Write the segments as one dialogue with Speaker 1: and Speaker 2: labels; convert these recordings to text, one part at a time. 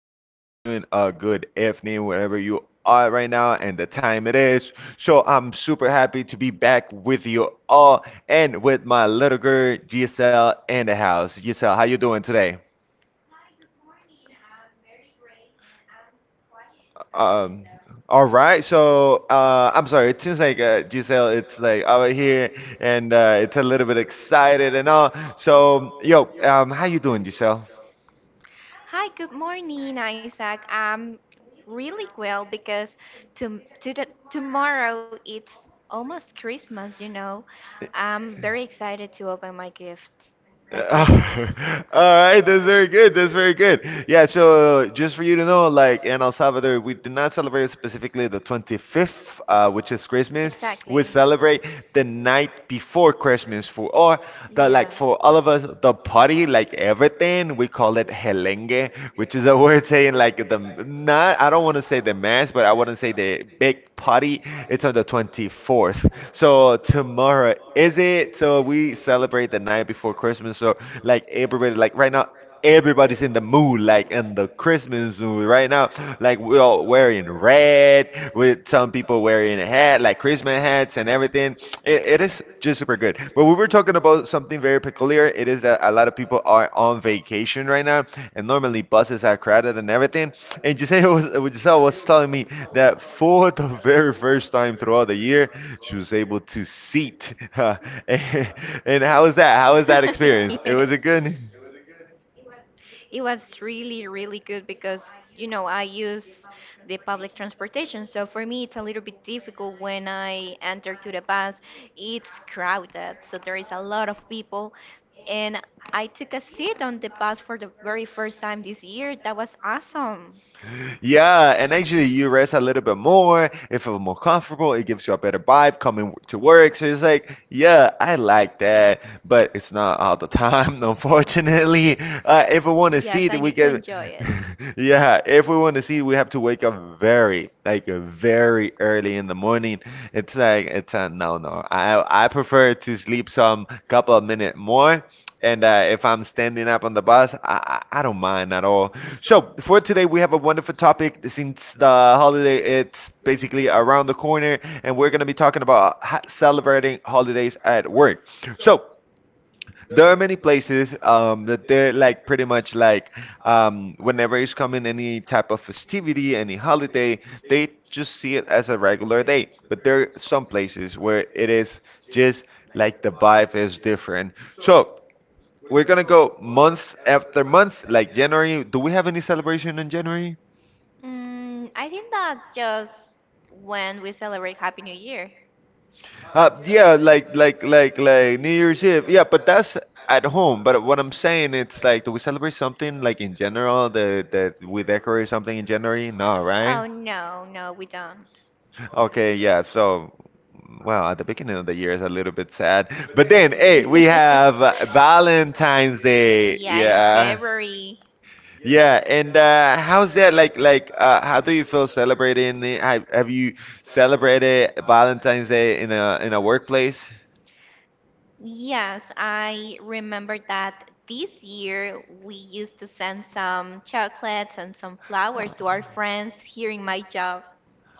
Speaker 1: good afternoon, good evening, wherever you are right now, and the time it is. So, I'm super happy to be back with you all and with my little girl, Giselle, in the house. Giselle, how you doing today? Um, all right, so I'm sorry, it seems like Giselle, it's like over here and it's a little bit excited and all. So, yo, how you doing, Giselle?
Speaker 2: Hi, good morning, Isaac. I'm really well because tomorrow it's almost Christmas, you know. I'm very excited to open my gifts, my
Speaker 1: Uh,
Speaker 2: presents.
Speaker 1: All right, that's very good. That's very good. Yeah, so just for you to know, like in El Salvador, we do not celebrate specifically the 25th, which is Christmas. We
Speaker 2: Exactly.
Speaker 1: celebrate the night before Christmas
Speaker 2: Yeah.
Speaker 1: for all of us the party, like everything. We call it helengue, which is a word saying like the not. I don't want to say the mass, but I want to say the big party. It's on the 24th. So tomorrow is it, so we celebrate the night before Christmas. So like everybody, like right now, everybody's in the mood, like in the Christmas mood right now. Like we're all wearing red, with some people wearing a hat, like Christmas hats and everything. It is just super good. But we were talking about something very peculiar. It is that a lot of people are on vacation right now, and normally buses are crowded and everything. And Giselle was, telling me that for the very first time throughout the year, she was able to seat. And how was that? How was
Speaker 2: Yes.
Speaker 1: that experience? It was a good.
Speaker 2: It was really, really good because, you know, I use the public transportation. So for me, it's a little bit difficult when I enter to the bus. It's crowded, so there is a lot of people. And I took a seat on the bus for the very first time this year. That was awesome.
Speaker 1: Yeah, and actually you rest a little bit more, you feel more comfortable, it gives you a better vibe coming to work. So it's like, yeah, I like that, but it's not all the time, unfortunately. If we want to
Speaker 2: Yes, I
Speaker 1: see that
Speaker 2: need
Speaker 1: we
Speaker 2: to
Speaker 1: can,
Speaker 2: enjoy it.
Speaker 1: yeah, if we want to see, we have to wake up very, like very early in the morning. It's like, it's a no, no. I prefer to sleep some couple of minutes more. And if I'm standing up on the bus, I don't mind at all. So for today, we have a wonderful topic. Since the holiday, it's basically around the corner, and we're gonna be talking about celebrating holidays at work. So there are many places that they're like pretty much like whenever it's coming any type of festivity, any holiday, they just see it as a regular day. But there are some places where it is just like the vibe is different. So we're gonna go month after month, like January. Do we have any celebration in January?
Speaker 2: Mm, I think that just when we celebrate Happy New Year.
Speaker 1: Yeah, like New Year's Eve. Yeah, but that's at home. But what I'm saying, it's like, do we celebrate something like in general that we decorate something in January? No, right?
Speaker 2: Oh no, no, we don't.
Speaker 1: Okay, yeah. So, well, at the beginning of the year is a little bit sad, but then, hey, we
Speaker 2: Yeah.
Speaker 1: have Valentine's Day. Yeah.
Speaker 2: February.
Speaker 1: Yeah, and how's that like how do you feel celebrating it? Have you celebrated Valentine's Day in a workplace?
Speaker 2: Yes, I remember that this year we used to send some chocolates and some flowers
Speaker 1: Uh,
Speaker 2: to our friends here in my job.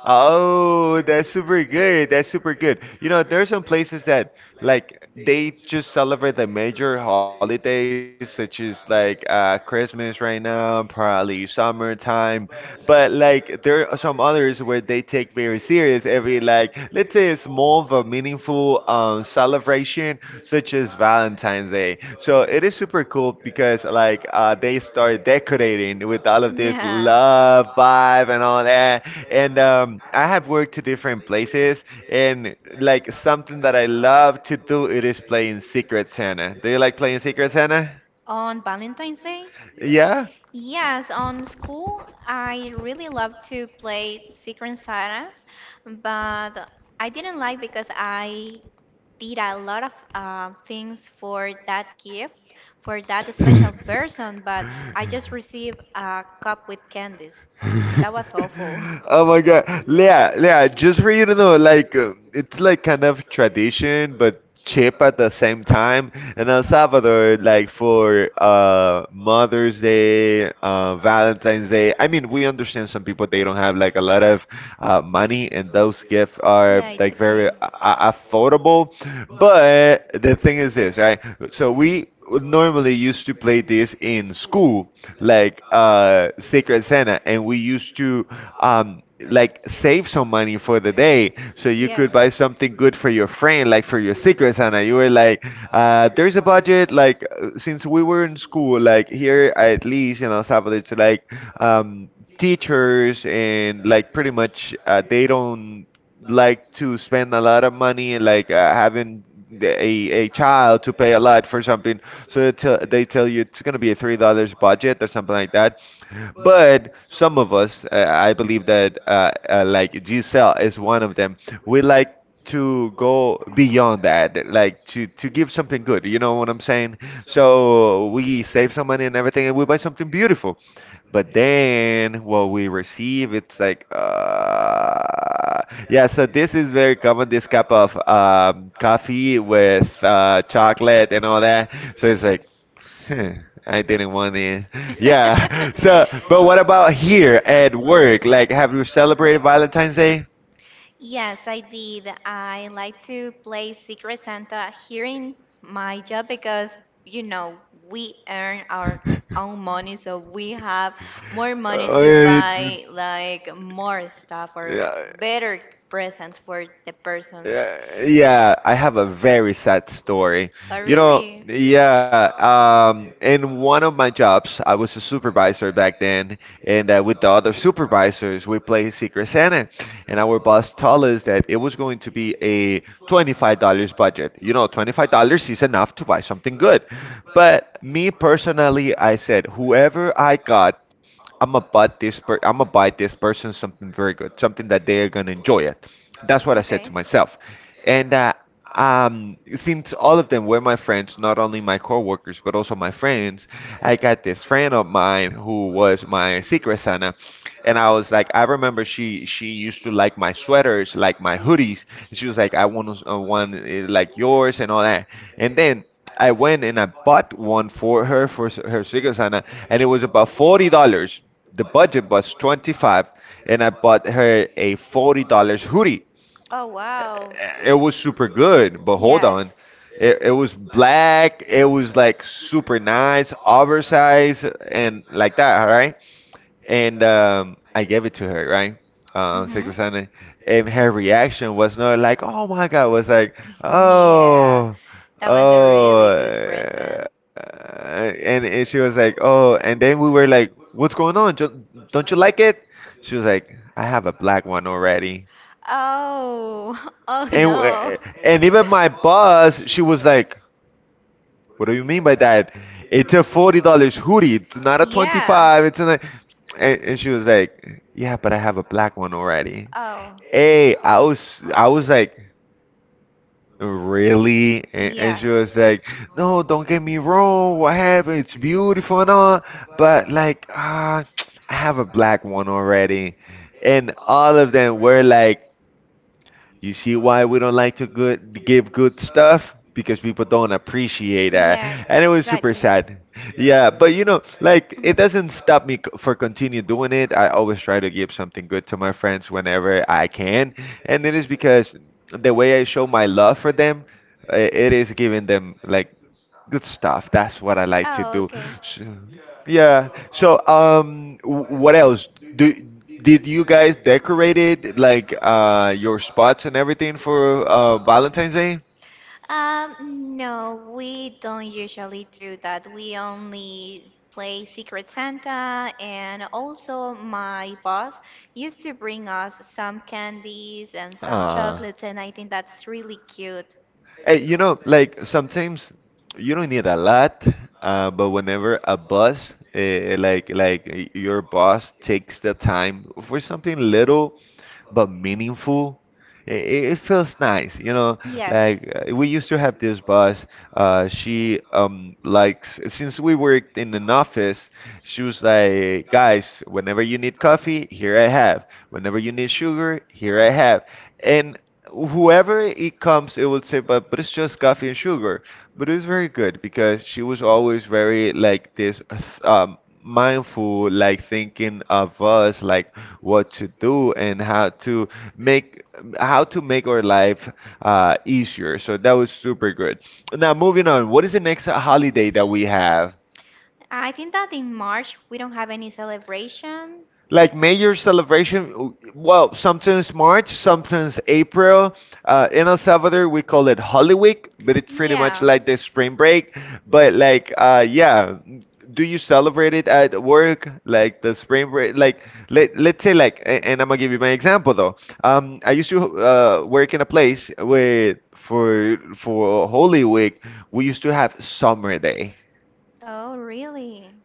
Speaker 1: Oh, that's super good. That's super good. You know, there are some places that like they just celebrate the major holidays, such as like Christmas right now, probably summertime. But like there are some others where they take very serious every like, let's say, a small but meaningful celebration such as Valentine's Day. So it is super cool because like they start decorating with all of this love vibe and all that. And I have worked to different places, and like something that I love to do it is playing Secret Santa. Do you like playing Secret Santa?
Speaker 2: On Valentine's Day?
Speaker 1: Yeah.
Speaker 2: Yes, on school, I really loved to play Secret Santas, but I didn't like because I did a lot of things for that gift, for that special person, but I just received a cup with candies. That was awful.
Speaker 1: Oh my God, Leah, just for you to know, like it's like kind of tradition, but cheap at the same time. In El Salvador, like for Mother's Day, Valentine's Day. I mean, we understand some people they don't have like a lot of money, and those gifts are
Speaker 2: Yeah, it's
Speaker 1: like
Speaker 2: okay.
Speaker 1: very affordable. But the thing is this, right? So we would normally used to play this in school, like Secret Santa, and we used to um, like save some money for the day so you could
Speaker 2: Yes.
Speaker 1: buy something good for your friend, like for your Secret Santa. You were like, there's a budget, like since we were in school, like here at least in El Salvador, it's like um, teachers and like pretty much they don't like to spend a lot of money and like having a child to pay a lot for something, so they tell you it's going to be a $3 budget or something like that. But some of us I believe that like Giselle is one of them, we like to go beyond that, like to give something good, you know what I'm saying? So we save some money and everything and we buy something beautiful. But then what we receive, it's like, yeah, so this is very common, this cup of coffee with chocolate and all that. So it's like, huh, I didn't want it. Yeah. So, but what about here at work? Like, have you celebrated Valentine's Day?
Speaker 2: Yes, I did. I like to play Secret Santa here in my job because, you know, we earn our own money, so we have more money
Speaker 1: Oh,
Speaker 2: to
Speaker 1: yeah,
Speaker 2: buy like more stuff
Speaker 1: yeah.
Speaker 2: or
Speaker 1: Yeah,
Speaker 2: better presents for the person.
Speaker 1: Yeah, I have a very sad story.
Speaker 2: Oh,
Speaker 1: You know,
Speaker 2: really?
Speaker 1: yeah, in one of my jobs, I was a supervisor back then, and with the other supervisors, we played Secret Santa, and our boss told us that it was going to be a $25 budget. You know, $25 is enough to buy something good. But me personally, I said, whoever I got, I'm gonna buy this per I'm gonna buy this person something very good, something that they are gonna enjoy it. That's what I said
Speaker 2: Okay.
Speaker 1: to myself. And since all of them were my friends, not only my coworkers but also my friends, I got this friend of mine who was my Secret Santa, and I was like, I remember she used to like my sweaters, like my hoodies. And she was like, I want one like yours and all that. And then I went and I bought one for her for her Secret Santa, and it was about $40. The budget was 25, and I bought her a $40 hoodie.
Speaker 2: Oh, wow.
Speaker 1: It was super good, but hold
Speaker 2: Yes.
Speaker 1: on. It was black, it was like super nice, oversized, and like that, all right? And I gave it to her, right?
Speaker 2: Mm-hmm.
Speaker 1: Sacred Sunday. And her reaction was not like, oh my God, it was like,
Speaker 2: Yeah.
Speaker 1: oh,
Speaker 2: That was a
Speaker 1: oh.
Speaker 2: really
Speaker 1: Uh,
Speaker 2: good present.
Speaker 1: and she was like, oh. And then we were like, what's going on? Do Don't you like it? She was like, I have a black one already.
Speaker 2: Oh, oh
Speaker 1: And wow.
Speaker 2: no.
Speaker 1: And even my boss, she was like, "What do you mean by that? It's a $40 hoodie. It's not a twenty
Speaker 2: Yeah.
Speaker 1: five. It's a." And she was like, "Yeah, but I have a black one already."
Speaker 2: Oh.
Speaker 1: Hey, I was, I was like, "Really?" And she
Speaker 2: Yes.
Speaker 1: was like, "No, don't get me wrong. What happened? It's beautiful and all, but like, ah, I have a black one already." And all of them were like, you see why we don't like to give good stuff? Because people don't appreciate that.
Speaker 2: Yeah,
Speaker 1: And it was super
Speaker 2: exactly. Mm.
Speaker 1: sad. Yeah, but you know, like it doesn't stop me for continue doing it. I always try to give something good to my friends whenever I can. And it is because the way I show my love for them, it is giving them like good stuff. That's what I like to do.
Speaker 2: Oh,
Speaker 1: So,
Speaker 2: okay.
Speaker 1: yeah. So, what else? Do Did you guys decorate it like your spots and everything for Valentine's Day?
Speaker 2: No, we don't usually do that. We only play Secret Santa, and also my boss used to bring us some candies and some
Speaker 1: Ah.
Speaker 2: chocolates, and I think that's really cute.
Speaker 1: Hey, you know, like sometimes you don't need a lot, but whenever a boss, like like your boss takes the time for something little but meaningful, it feels nice, you know,
Speaker 2: Yes.
Speaker 1: like we used to have this boss she likes, since we worked in an office, she was like, guys, whenever you need coffee, here I have, whenever you need sugar, here I have, and whoever it comes it will say, but it's just coffee and sugar, but it was very good because she was always very like this mindful, like thinking of us, like what to do and how to make, how to make our life easier. So that was super good. Now moving on, what is the next holiday that we have?
Speaker 2: I think that in March we don't have any celebration.
Speaker 1: Like major celebration, well, sometimes March, sometimes April. In El Salvador, we call it Holy Week, but it's pretty much
Speaker 2: Yeah.
Speaker 1: like the spring break. But yeah, do you celebrate it at work? Like the spring break, like let's say like, and I'm gonna give you my example though. I used to work in a place where for Holy Week we used to have Summer Day.
Speaker 2: Oh, really?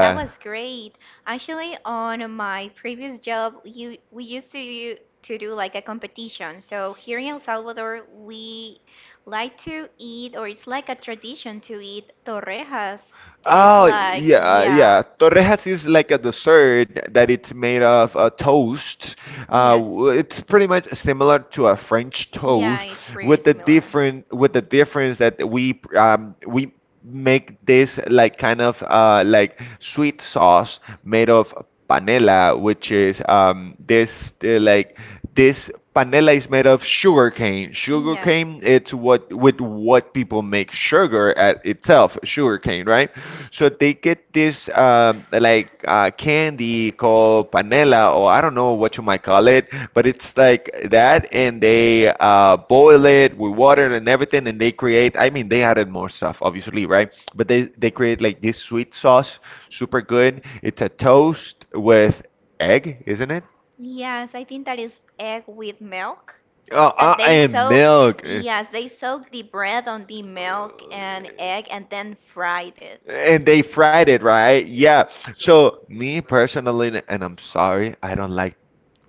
Speaker 2: That was great. Actually, on my previous job, you we used to to do like a competition. So here in El Salvador, we like to eat, or it's like a tradition to eat torrejas. It is
Speaker 1: Oh,
Speaker 2: like,
Speaker 1: yeah, yeah.
Speaker 2: yeah.
Speaker 1: Torrejas is like a dessert that it's made of a toast. Uh,
Speaker 2: Yes.
Speaker 1: w- it's pretty much similar to a French
Speaker 2: Yeah,
Speaker 1: toast,
Speaker 2: it's pretty
Speaker 1: with the
Speaker 2: similar.
Speaker 1: difference that we make this like kind of like sweet sauce made of panela, which is this like this panela is made of sugar cane. Sugar cane, it's what with what people make sugar at itself, sugar cane, right? So they get this like candy called panela, or I don't know what you might call it, but it's like that, and they boil it with water and everything, and they create. I mean, they added more stuff, obviously, right? But they create like this sweet sauce, super good. It's a toast with egg, isn't it?
Speaker 2: Yes, I think that is egg with milk,
Speaker 1: Oh, and milk. Uh,
Speaker 2: they soak the bread on the milk and egg and then fried it.
Speaker 1: and they fried it, right? Yeah. So me personally, and I'm sorry, I don't like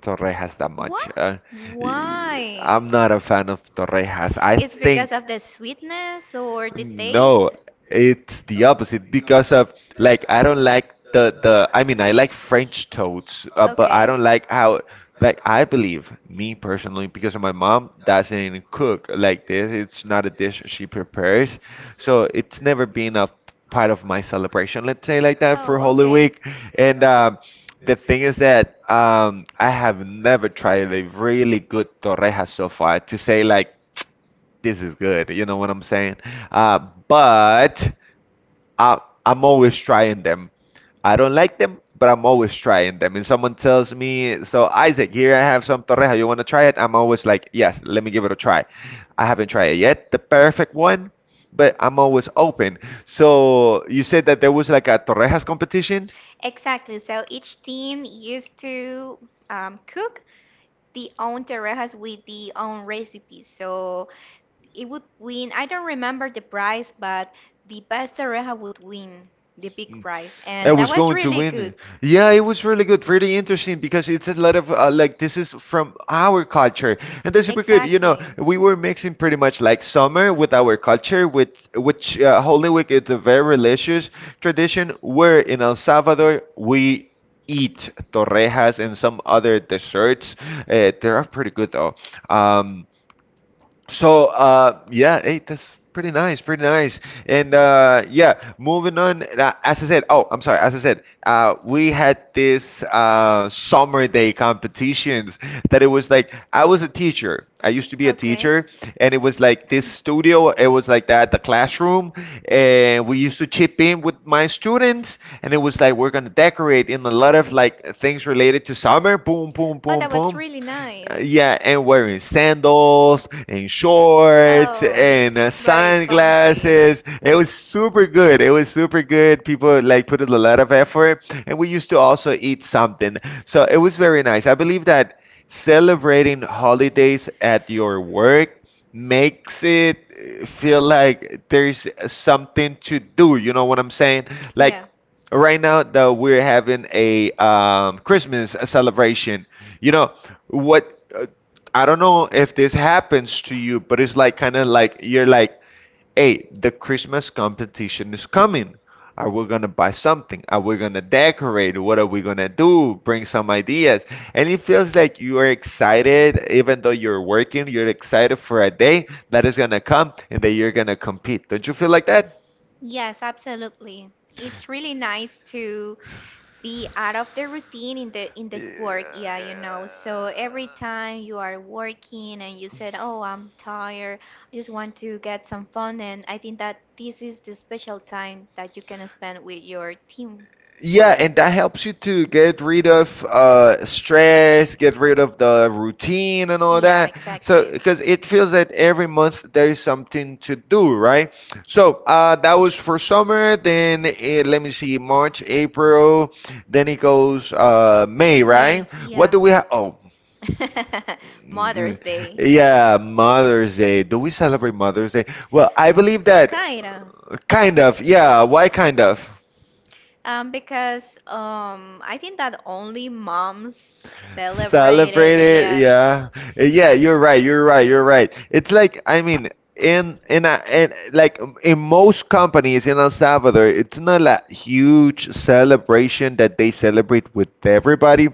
Speaker 1: Torrejas that much. Y-
Speaker 2: Why?
Speaker 1: I'm not a fan of Torrejas. I think
Speaker 2: Of the sweetness or the.
Speaker 1: no, it's the opposite because of like I don't like the I mean I like French toads, but I don't like how like I believe me personally because my mom doesn't cook like this. It's not a dish she prepares, so it's never been a part of my celebration, let's say like that, for
Speaker 2: Oh,
Speaker 1: Holy
Speaker 2: okay.
Speaker 1: Week. And the thing is that I have never tried a really good torreja so far to say like this is good, you know what I'm saying? Uh, but I, I'm always trying them. I don't like them, but I'm always trying them. And someone tells me, so Isaac, here I have some torreja. You want to try it? I'm always like, yes, let me give it a try. I haven't tried it yet, the perfect one, but I'm always open. So you said that there was like a torrejas competition?
Speaker 2: Exactly. So each team used to cook the own torrejas with the own recipes. So it would win. I don't remember the prize, but the best torreja would win the big
Speaker 1: Mm.
Speaker 2: prize, and
Speaker 1: I
Speaker 2: that
Speaker 1: was
Speaker 2: was
Speaker 1: going to
Speaker 2: really good.
Speaker 1: win. Yeah, it was really good, really interesting because it's a lot of like this is from our culture, and that's super good. You know,
Speaker 2: Exactly.
Speaker 1: we were mixing pretty much like summer with our culture, with which Holy Week is a very religious tradition. Where in El Salvador we eat torrejas and some other desserts. They are pretty good though. Um, so yeah, hey, that's pretty nice, pretty nice. And yeah, moving on. As I said, oh, I'm sorry. As I said, we had this summer day competitions that it was like I was a teacher. I used to be a
Speaker 2: Okay.
Speaker 1: teacher, and it was like this studio. It was like that, the classroom, and we used to chip in with my students, and it was like we're gonna decorate in a lot of like things related to summer. Boom, boom,
Speaker 2: Oh,
Speaker 1: boom,
Speaker 2: that was
Speaker 1: boom.
Speaker 2: really nice.
Speaker 1: Yeah, and wearing sandals and shorts
Speaker 2: Oh,
Speaker 1: and
Speaker 2: very comfy.
Speaker 1: sunglasses. It was super good. It was super good. People like put in a lot of effort, and we used to also eat something. So it was very nice. I believe that celebrating holidays at your work makes it feel like there's something to do. You know what I'm saying? Like
Speaker 2: Yeah.
Speaker 1: right now that we're having a Christmas celebration. You know what? I don't know if this happens to you, but it's like kind of like you're like, hey, the Christmas competition is coming. Are we gonna buy something? Are we gonna decorate? What are we gonna do? Bring some ideas. And it feels like you are excited, even though you're working, you're excited for a day that is gonna come and that you're gonna compete. Don't you feel like that?
Speaker 2: Yes, absolutely. It's really nice to be out of the routine in the work, yeah,
Speaker 1: Yeah.
Speaker 2: you know. So every time you are working and you said, "Oh, I'm tired. I just want to get some fun." And I think that this is the special time that you can spend with your team
Speaker 1: Yeah,
Speaker 2: work.
Speaker 1: and that helps you to get rid of stress, get rid of the routine and all
Speaker 2: Yeah,
Speaker 1: that. So,
Speaker 2: exactly.
Speaker 1: because it feels that every month there is something to do, right? So, that was for summer. Then, let me see, March, April. Then it goes May,
Speaker 2: May,
Speaker 1: right? What
Speaker 2: yeah.
Speaker 1: do we have? Oh, Mm,
Speaker 2: Mother's Day.
Speaker 1: yeah, Mother's Day. Do we celebrate Mother's Day? Well, I believe that
Speaker 2: Kinda.
Speaker 1: kind of. Yeah, why kind of?
Speaker 2: Because I think that only moms celebrated.
Speaker 1: Celebrate it,
Speaker 2: Yeah.
Speaker 1: yeah. Yeah. You're right. You're right. You're right. It's like I mean, in most companies in El Salvador, it's not a huge celebration that they celebrate with everybody,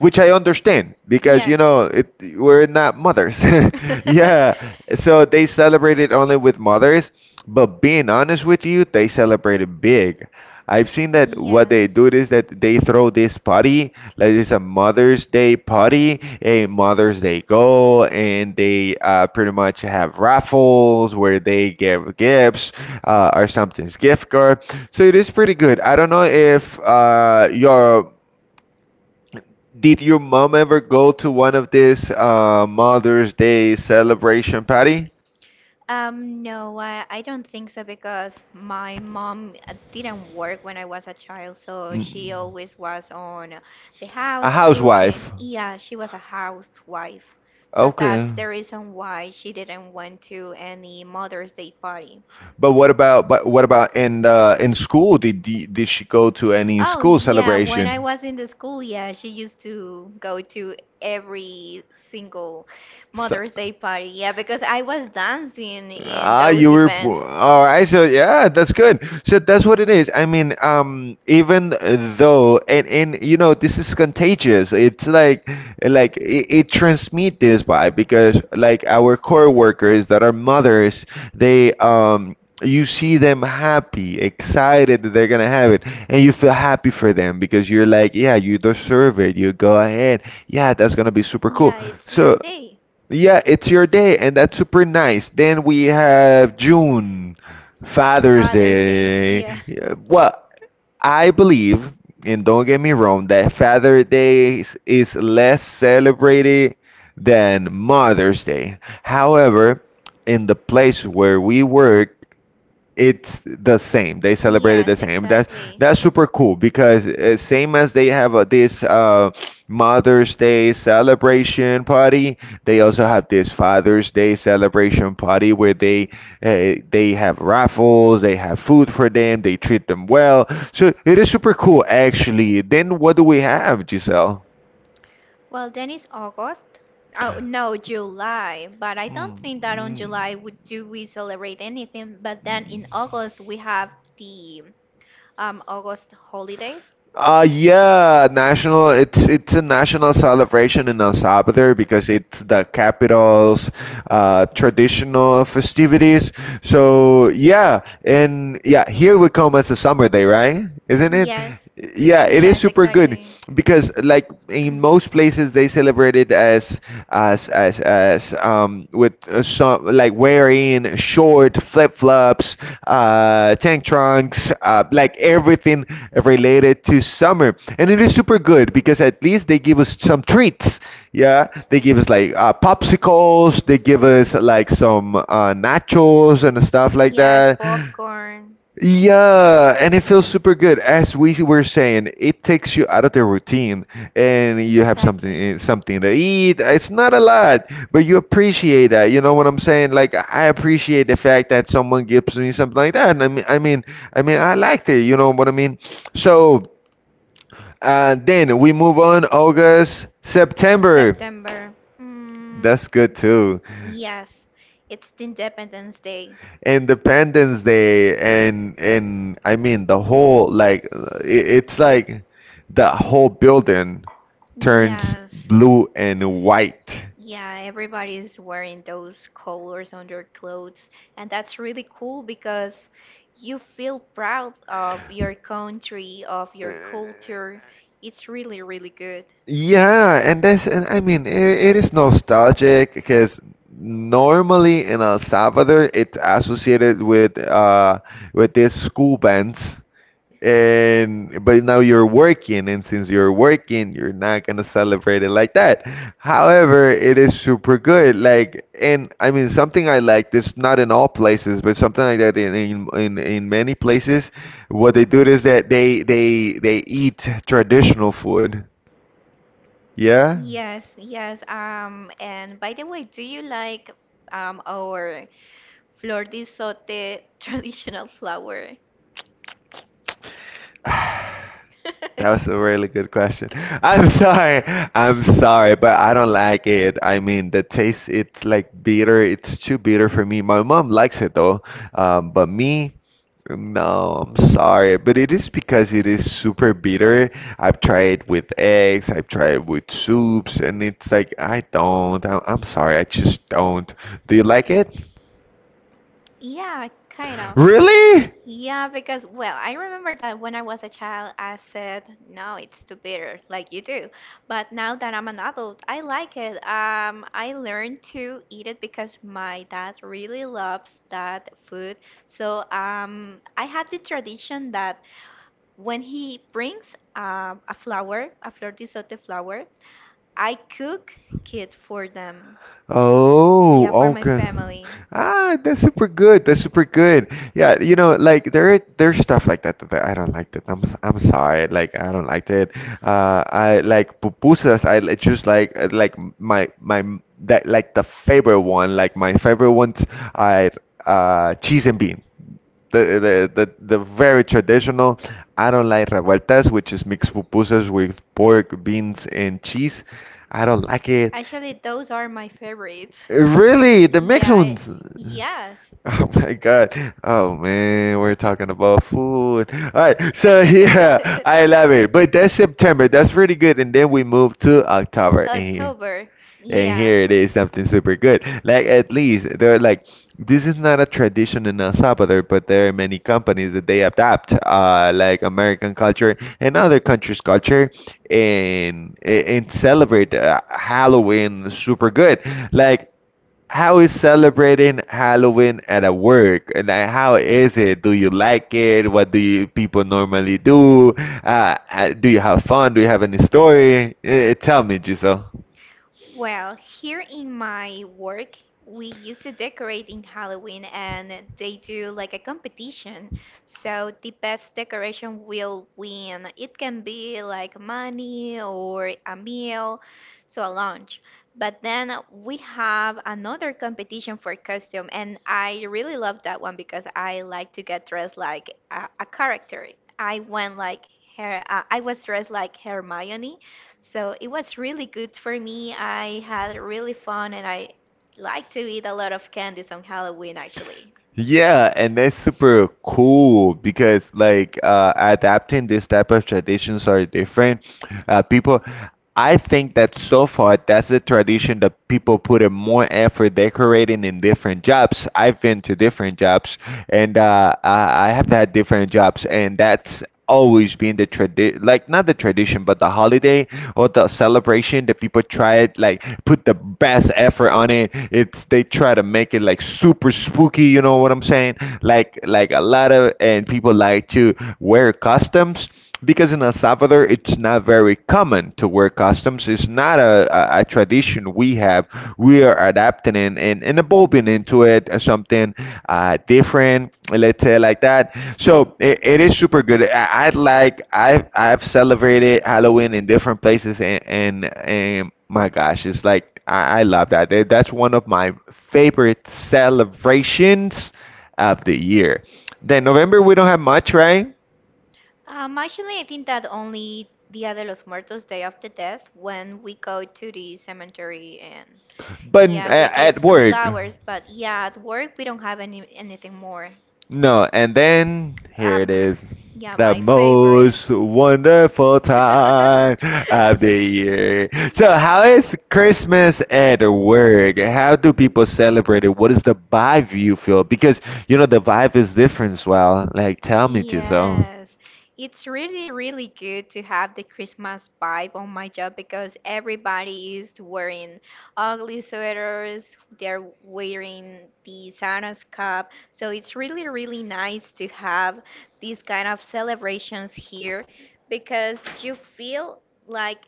Speaker 1: which I understand because you
Speaker 2: Yes.
Speaker 1: know it we're not mothers, yeah. So they celebrate it only with mothers, but being honest with you, they celebrated big. I've seen that what
Speaker 2: Yes.
Speaker 1: they do is that they throw this party, like it's a Mother's Day party, a Mother's Day go, and they pretty much have raffles where they give gifts or something's gift card. So it is pretty good. I don't know if your did your mom ever go to one of this Mother's Day celebration party?
Speaker 2: No, I don't think so because my mom didn't work when I was a child, so she
Speaker 1: Mm.
Speaker 2: always was on the
Speaker 1: A
Speaker 2: house cooking.
Speaker 1: housewife.
Speaker 2: Yeah, she was a housewife. So
Speaker 1: Okay.
Speaker 2: that's the reason why she didn't went to any Mother's Day party.
Speaker 1: But what about in school? Did she go to any
Speaker 2: Oh
Speaker 1: school
Speaker 2: yeah, when
Speaker 1: celebration?
Speaker 2: I was in the school, yeah, she used to go to every single
Speaker 1: So,
Speaker 2: Mother's Day party. Yeah, because I was dancing in
Speaker 1: ah,
Speaker 2: those
Speaker 1: you were po-
Speaker 2: events.
Speaker 1: all right. So yeah, that's good. So that's what it is. I mean, even though, and you know, this is contagious. It's like it transmit this by because like our coworkers that are mothers, they. You see them happy, excited that they're gonna have it, and you feel happy for them because you're like, yeah, you deserve it. You go ahead, yeah, that's gonna be super cool.
Speaker 2: Yeah, it's your
Speaker 1: So
Speaker 2: day.
Speaker 1: yeah, it's your day, and that's super nice. Then we have June, Father's
Speaker 2: Father's Day.
Speaker 1: Day.
Speaker 2: Yeah.
Speaker 1: Yeah, well, I believe, and don't get me wrong, that Father's Day is less celebrated than Mother's Day. However, in the place where we work, it's the same. They celebrated the
Speaker 2: Yes,
Speaker 1: same. That's
Speaker 2: exactly.
Speaker 1: that's super cool because same as they have this Mother's Day celebration party, they also have this Father's Day celebration party where they have raffles, they have food for them, they treat them well. So it is super cool, actually. Then what do we have, Giselle?
Speaker 2: Well, then it's August. Oh, no, July. But I don't think that on
Speaker 1: Mm,
Speaker 2: July would do we celebrate anything. But then
Speaker 1: mm.
Speaker 2: in August we have the August holidays.
Speaker 1: Yeah, national it's a national celebration in El Salvador because it's the capital's traditional festivities. So yeah, and yeah, here we come as a summer day, right? Isn't it?
Speaker 2: Yes.
Speaker 1: Yeah, it is
Speaker 2: Yes,
Speaker 1: super good
Speaker 2: exactly.
Speaker 1: because like in most places they celebrate it as with some like wearing short flip flops, tank trunks, like everything related to summer, and it is super good because at least they give us some treats. Yeah, they give us like popsicles, they give us like some nachos and stuff like
Speaker 2: Yes,
Speaker 1: that.
Speaker 2: popcorn.
Speaker 1: Yeah, and it feels super good. As we were saying, it takes you out of the routine, and you have something
Speaker 2: Exactly.
Speaker 1: something to eat. It's not a lot, but you appreciate that. You know what I'm saying? Like I appreciate the fact that someone gives me something like that. And I mean, I liked it. You know what I mean? So then we move on. August, September.
Speaker 2: September. Mm,
Speaker 1: That's good too.
Speaker 2: yes. It's the Independence Day.
Speaker 1: Independence Day and I mean the whole like it's like the whole building turns
Speaker 2: Yes.
Speaker 1: blue and white.
Speaker 2: Yeah, everybody is wearing those colors on their clothes, and that's really cool because you feel proud of
Speaker 1: Uh,
Speaker 2: your country, of your culture. It's really, really good.
Speaker 1: Yeah, and that's and I mean it is nostalgic because normally in El Salvador it's associated with these school bands and but now you're working and since you're working you're not gonna celebrate it like that however it is super good like and I mean something I like this not in all places but something like that in many places what they do is that they eat traditional food. Yeah.
Speaker 2: Yes, yes. And by the way, do you like our flor de sote traditional flower?
Speaker 1: That was a really good question. I'm sorry. I'm sorry, but I don't like it. I mean, the taste, it's like bitter. It's too bitter for me. My mom likes it though. But me, no, I'm sorry. But it is because it is super bitter. I've tried with eggs, I've tried with soups, and it's like, I don't. I'm sorry. I just don't. Do you like it?
Speaker 2: Yeah, kind of.
Speaker 1: Really?
Speaker 2: Yeah, because, well, I remember that when I was a child, I said, no, it's too bitter, like you do. But now that I'm an adult, I like it. I learned to eat it because my dad really loves that food. So, I have the tradition that when he brings a flower, a flor de sote flower, I cook it for them. Yeah, for
Speaker 1: Oh,
Speaker 2: my
Speaker 1: okay.
Speaker 2: family.
Speaker 1: Ah, that's super good. That's super good. Yeah, you know, like there's stuff like that that I don't like that. I'm sorry. Like I don't like it. I like pupusas. Choose like my m- that like the favorite one. Like my favorite ones are cheese and bean. The, the the the very traditional. I don't like revueltas, which is mixed pupusas with pork, beans, and cheese. I don't like it.
Speaker 2: Actually, those are my favorites.
Speaker 1: Really, the
Speaker 2: Yeah,
Speaker 1: Mexicans.
Speaker 2: yes.
Speaker 1: Oh my God. Oh man, we're talking about food. All right, so yeah, I love it. But that's September. That's pretty good. And then we move to October. And
Speaker 2: October.
Speaker 1: and
Speaker 2: Yeah.
Speaker 1: here it is something super good. Like at least they're like this is not a tradition in El Salvador, but there are many companies that they adapt, like American culture and other countries' culture, and celebrate Halloween super good. Like how is celebrating Halloween at a work? And like, how is it? Do you like it? What do you people normally do? Do you have fun? Do you have any story? Eh, tell me, Giselle.
Speaker 2: Well, here in my work, we used to decorate in Halloween and they do like a competition. So the best decoration will win. It can be like money or a meal, so a lunch. But then we have another competition for costume, and I really love that one because I like to get dressed like a character. I went like her, I was dressed like Hermione so it was really good for me. I had really fun and I like to eat a lot of candies on Halloween actually.
Speaker 1: Yeah, and that's super cool because like adapting this type of traditions are different. People, I think that so far that's a tradition that people put in more effort decorating in different jobs. I've been to different jobs, and I have had different jobs, and that's always been the tradition. Like not the tradition, but the holiday or the celebration, the people try it like put the best effort on it. It's they try to make it like super spooky. You know what I'm saying? Like a lot of and people like to wear costumes because in El Salvador it's not very common to wear costumes. It's not a tradition we have. We are adapting it and evolving into it as something different, let's say like that. So it is super good. I like I've celebrated Halloween in different places and my gosh, it's like I love that. That's one of my favorite celebrations of the year. Then November, we don't have much, right?
Speaker 2: Actually, I think that only Dia de los Muertos, Day of the Death, when we go to the cemetery and. But
Speaker 1: But
Speaker 2: yeah, we give at
Speaker 1: at
Speaker 2: some work
Speaker 1: work,
Speaker 2: flowers, but yeah, at work we don't have any anything more.
Speaker 1: no. And then here
Speaker 2: Um,
Speaker 1: it is.
Speaker 2: yeah,
Speaker 1: The
Speaker 2: my. Oh, favorite.
Speaker 1: most wonderful time of the
Speaker 2: Happy New Year.
Speaker 1: year. So, how is Christmas at work? How do people celebrate it? What is the vibe you feel? Because, you know, the vibe is different, as well. Like, tell me, Giselle.
Speaker 2: Yes, it's really, really good to have the Christmas vibe on my job because everybody is wearing ugly sweaters, they're wearing the Santa's cap. So it's really, really nice to have these kind of celebrations here because you feel like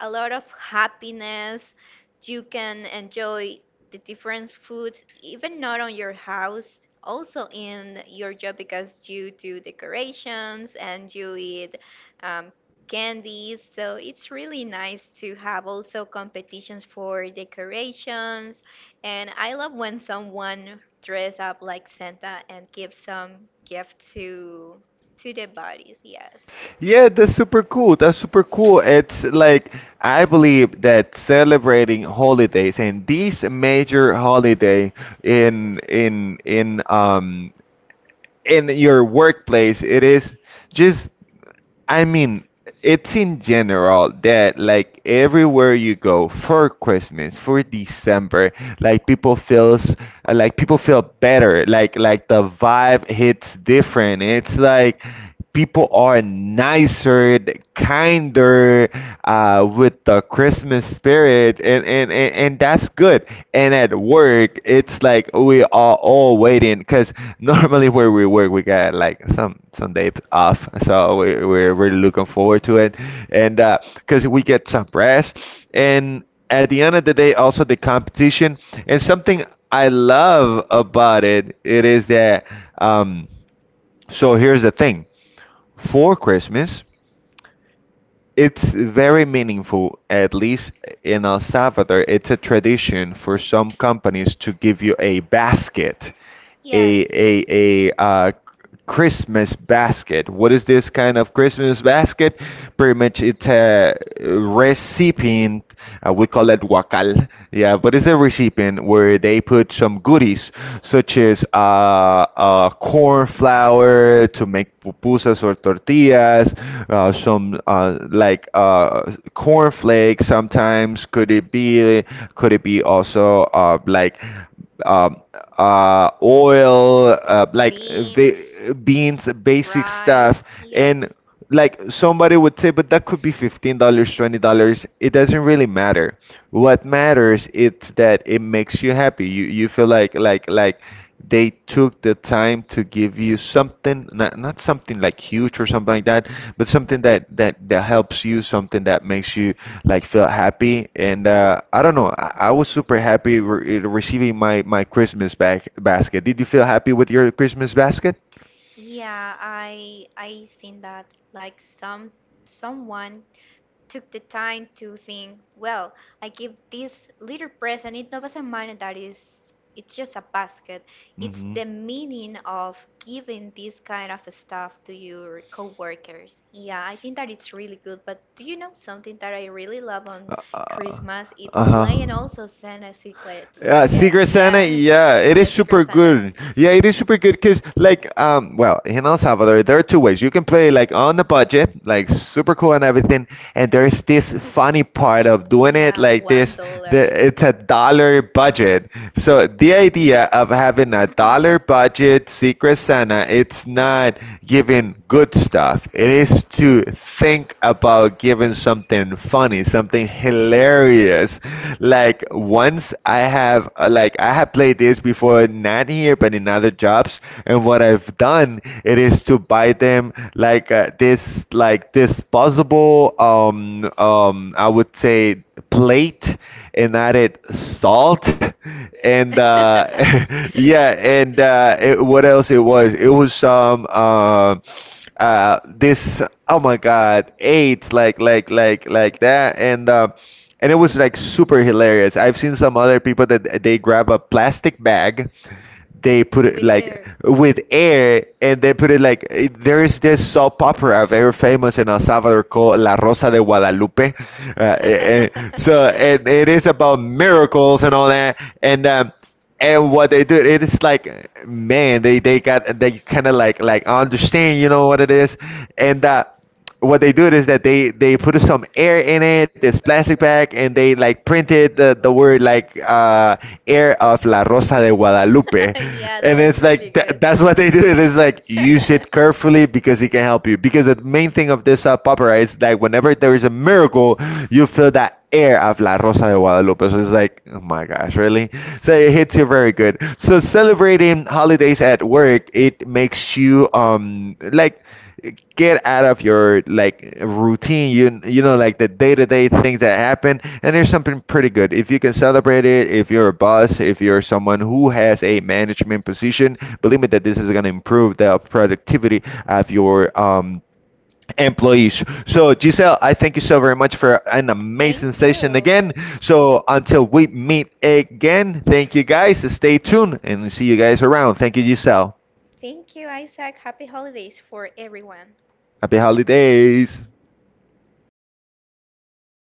Speaker 2: a lot of happiness. You can enjoy the different foods, even not on your house, also in your job because you do decorations and you eat um, candies. So it's really nice to have also competitions for decorations. And I love when someone dress up like Santa and give some gift to the bodies. Yes.
Speaker 1: Yeah, that's super cool. That's super cool. It's like I believe that celebrating holidays and this major holiday in in in um in your workplace, it is just, I mean, it's in general that like everywhere you go for Christmas, for December, like people feels like people feel better. Like the vibe hits different. It's like people are nicer, kinder with the Christmas spirit, and that's good. And at work, it's like we are all waiting because normally where we work, we got like some days off, so we're really looking forward to it, and because we get some rest. And at the end of the day, also the competition and something I love about it, it is that. Um, so here's the thing: for Christmas. It's very meaningful, at least in El Salvador. It's a tradition for some companies to give you a basket,
Speaker 2: Yes.
Speaker 1: a Christmas basket. What is this kind of Christmas basket? Pretty much, it's a recipient. We call it wakal. Yeah, but it's a recipient where they put some goodies such as corn flour to make pupusas or tortillas, some like corn flakes sometimes. Could it be, also um, oil, like
Speaker 2: Beans,
Speaker 1: the beans, basic stuff,
Speaker 2: rice. Yes.
Speaker 1: and like somebody would say, but that could be $15, $20. It doesn't really matter. What matters is that it makes you happy. You feel like like they took the time to give you something, not something like huge or something like that, but something that that helps you, something that makes you like feel happy. And I don't know, I was super happy re receiving my Christmas back basket. Did you feel happy with your Christmas basket?
Speaker 2: Yeah, I think that like someone took the time to think, well, I give this little present, it doesn't matter that is it's just a basket. It's
Speaker 1: Mm-hmm.
Speaker 2: the meaning of giving this kind of stuff to your coworkers. Yeah, I think that it's really good. But do you know something that I really love on Christmas? It's play and also Santa secrets
Speaker 1: Yeah,
Speaker 2: again.
Speaker 1: Secret Santa,
Speaker 2: Yeah.
Speaker 1: yeah, it
Speaker 2: Yeah,
Speaker 1: is super
Speaker 2: Secret Santa.
Speaker 1: good. Yeah, it is super good because, like, well, in El Salvador, there are two ways. You can play like on a budget, like super cool and everything, and there's this funny part of doing it
Speaker 2: Yeah,
Speaker 1: like
Speaker 2: one
Speaker 1: this. That
Speaker 2: dollar.
Speaker 1: it's a dollar budget. So the idea of having a dollar budget Secret Santa, it's not giving good stuff. It is to think about giving something, something funny, something hilarious. Like once I have like I have played this before, not here but in other jobs. And what I've done it is to buy them like this like this possible I would say plate and added salt and yeah, and it, what else, it was some this, oh my God, eight like that, and it was like super hilarious. I've seen some other people that they grab a plastic bag, they put it
Speaker 2: With
Speaker 1: like
Speaker 2: air.
Speaker 1: with air and they put it like it- there is this soap opera very famous in El Salvador called La Rosa de Guadalupe. Uh, eh, eh, so it it is about miracles and all that. And um, and what they do it is like man they got they kind of like understand, you know what it is, and what they do is that they put some air in it, this plastic bag, and they like printed the word like air of La Rosa de Guadalupe.
Speaker 2: yeah, that
Speaker 1: And
Speaker 2: was
Speaker 1: it's
Speaker 2: really
Speaker 1: like
Speaker 2: good.
Speaker 1: that's what they do it is like use it carefully because it can help you because the main thing of this popper is that whenever there is a miracle you feel that that air of La Rosa de Guadalupe. So it's like, oh my gosh, really? So it hits you very good. So celebrating holidays at work, it makes you like get out of your like routine, you know, like the day-to-day things that happen, and there's something pretty good if you can celebrate it. If you're a boss, if you're someone who has a management position, believe me that this is going to improve the productivity of your um employees. So, Giselle, I thank you so very much for an amazing
Speaker 2: Thank
Speaker 1: session
Speaker 2: you.
Speaker 1: again. So, until we meet again, thank you guys. Stay tuned and see you guys around. Thank you, Giselle.
Speaker 2: Thank you, Isaac. Happy holidays for everyone.
Speaker 1: Happy holidays.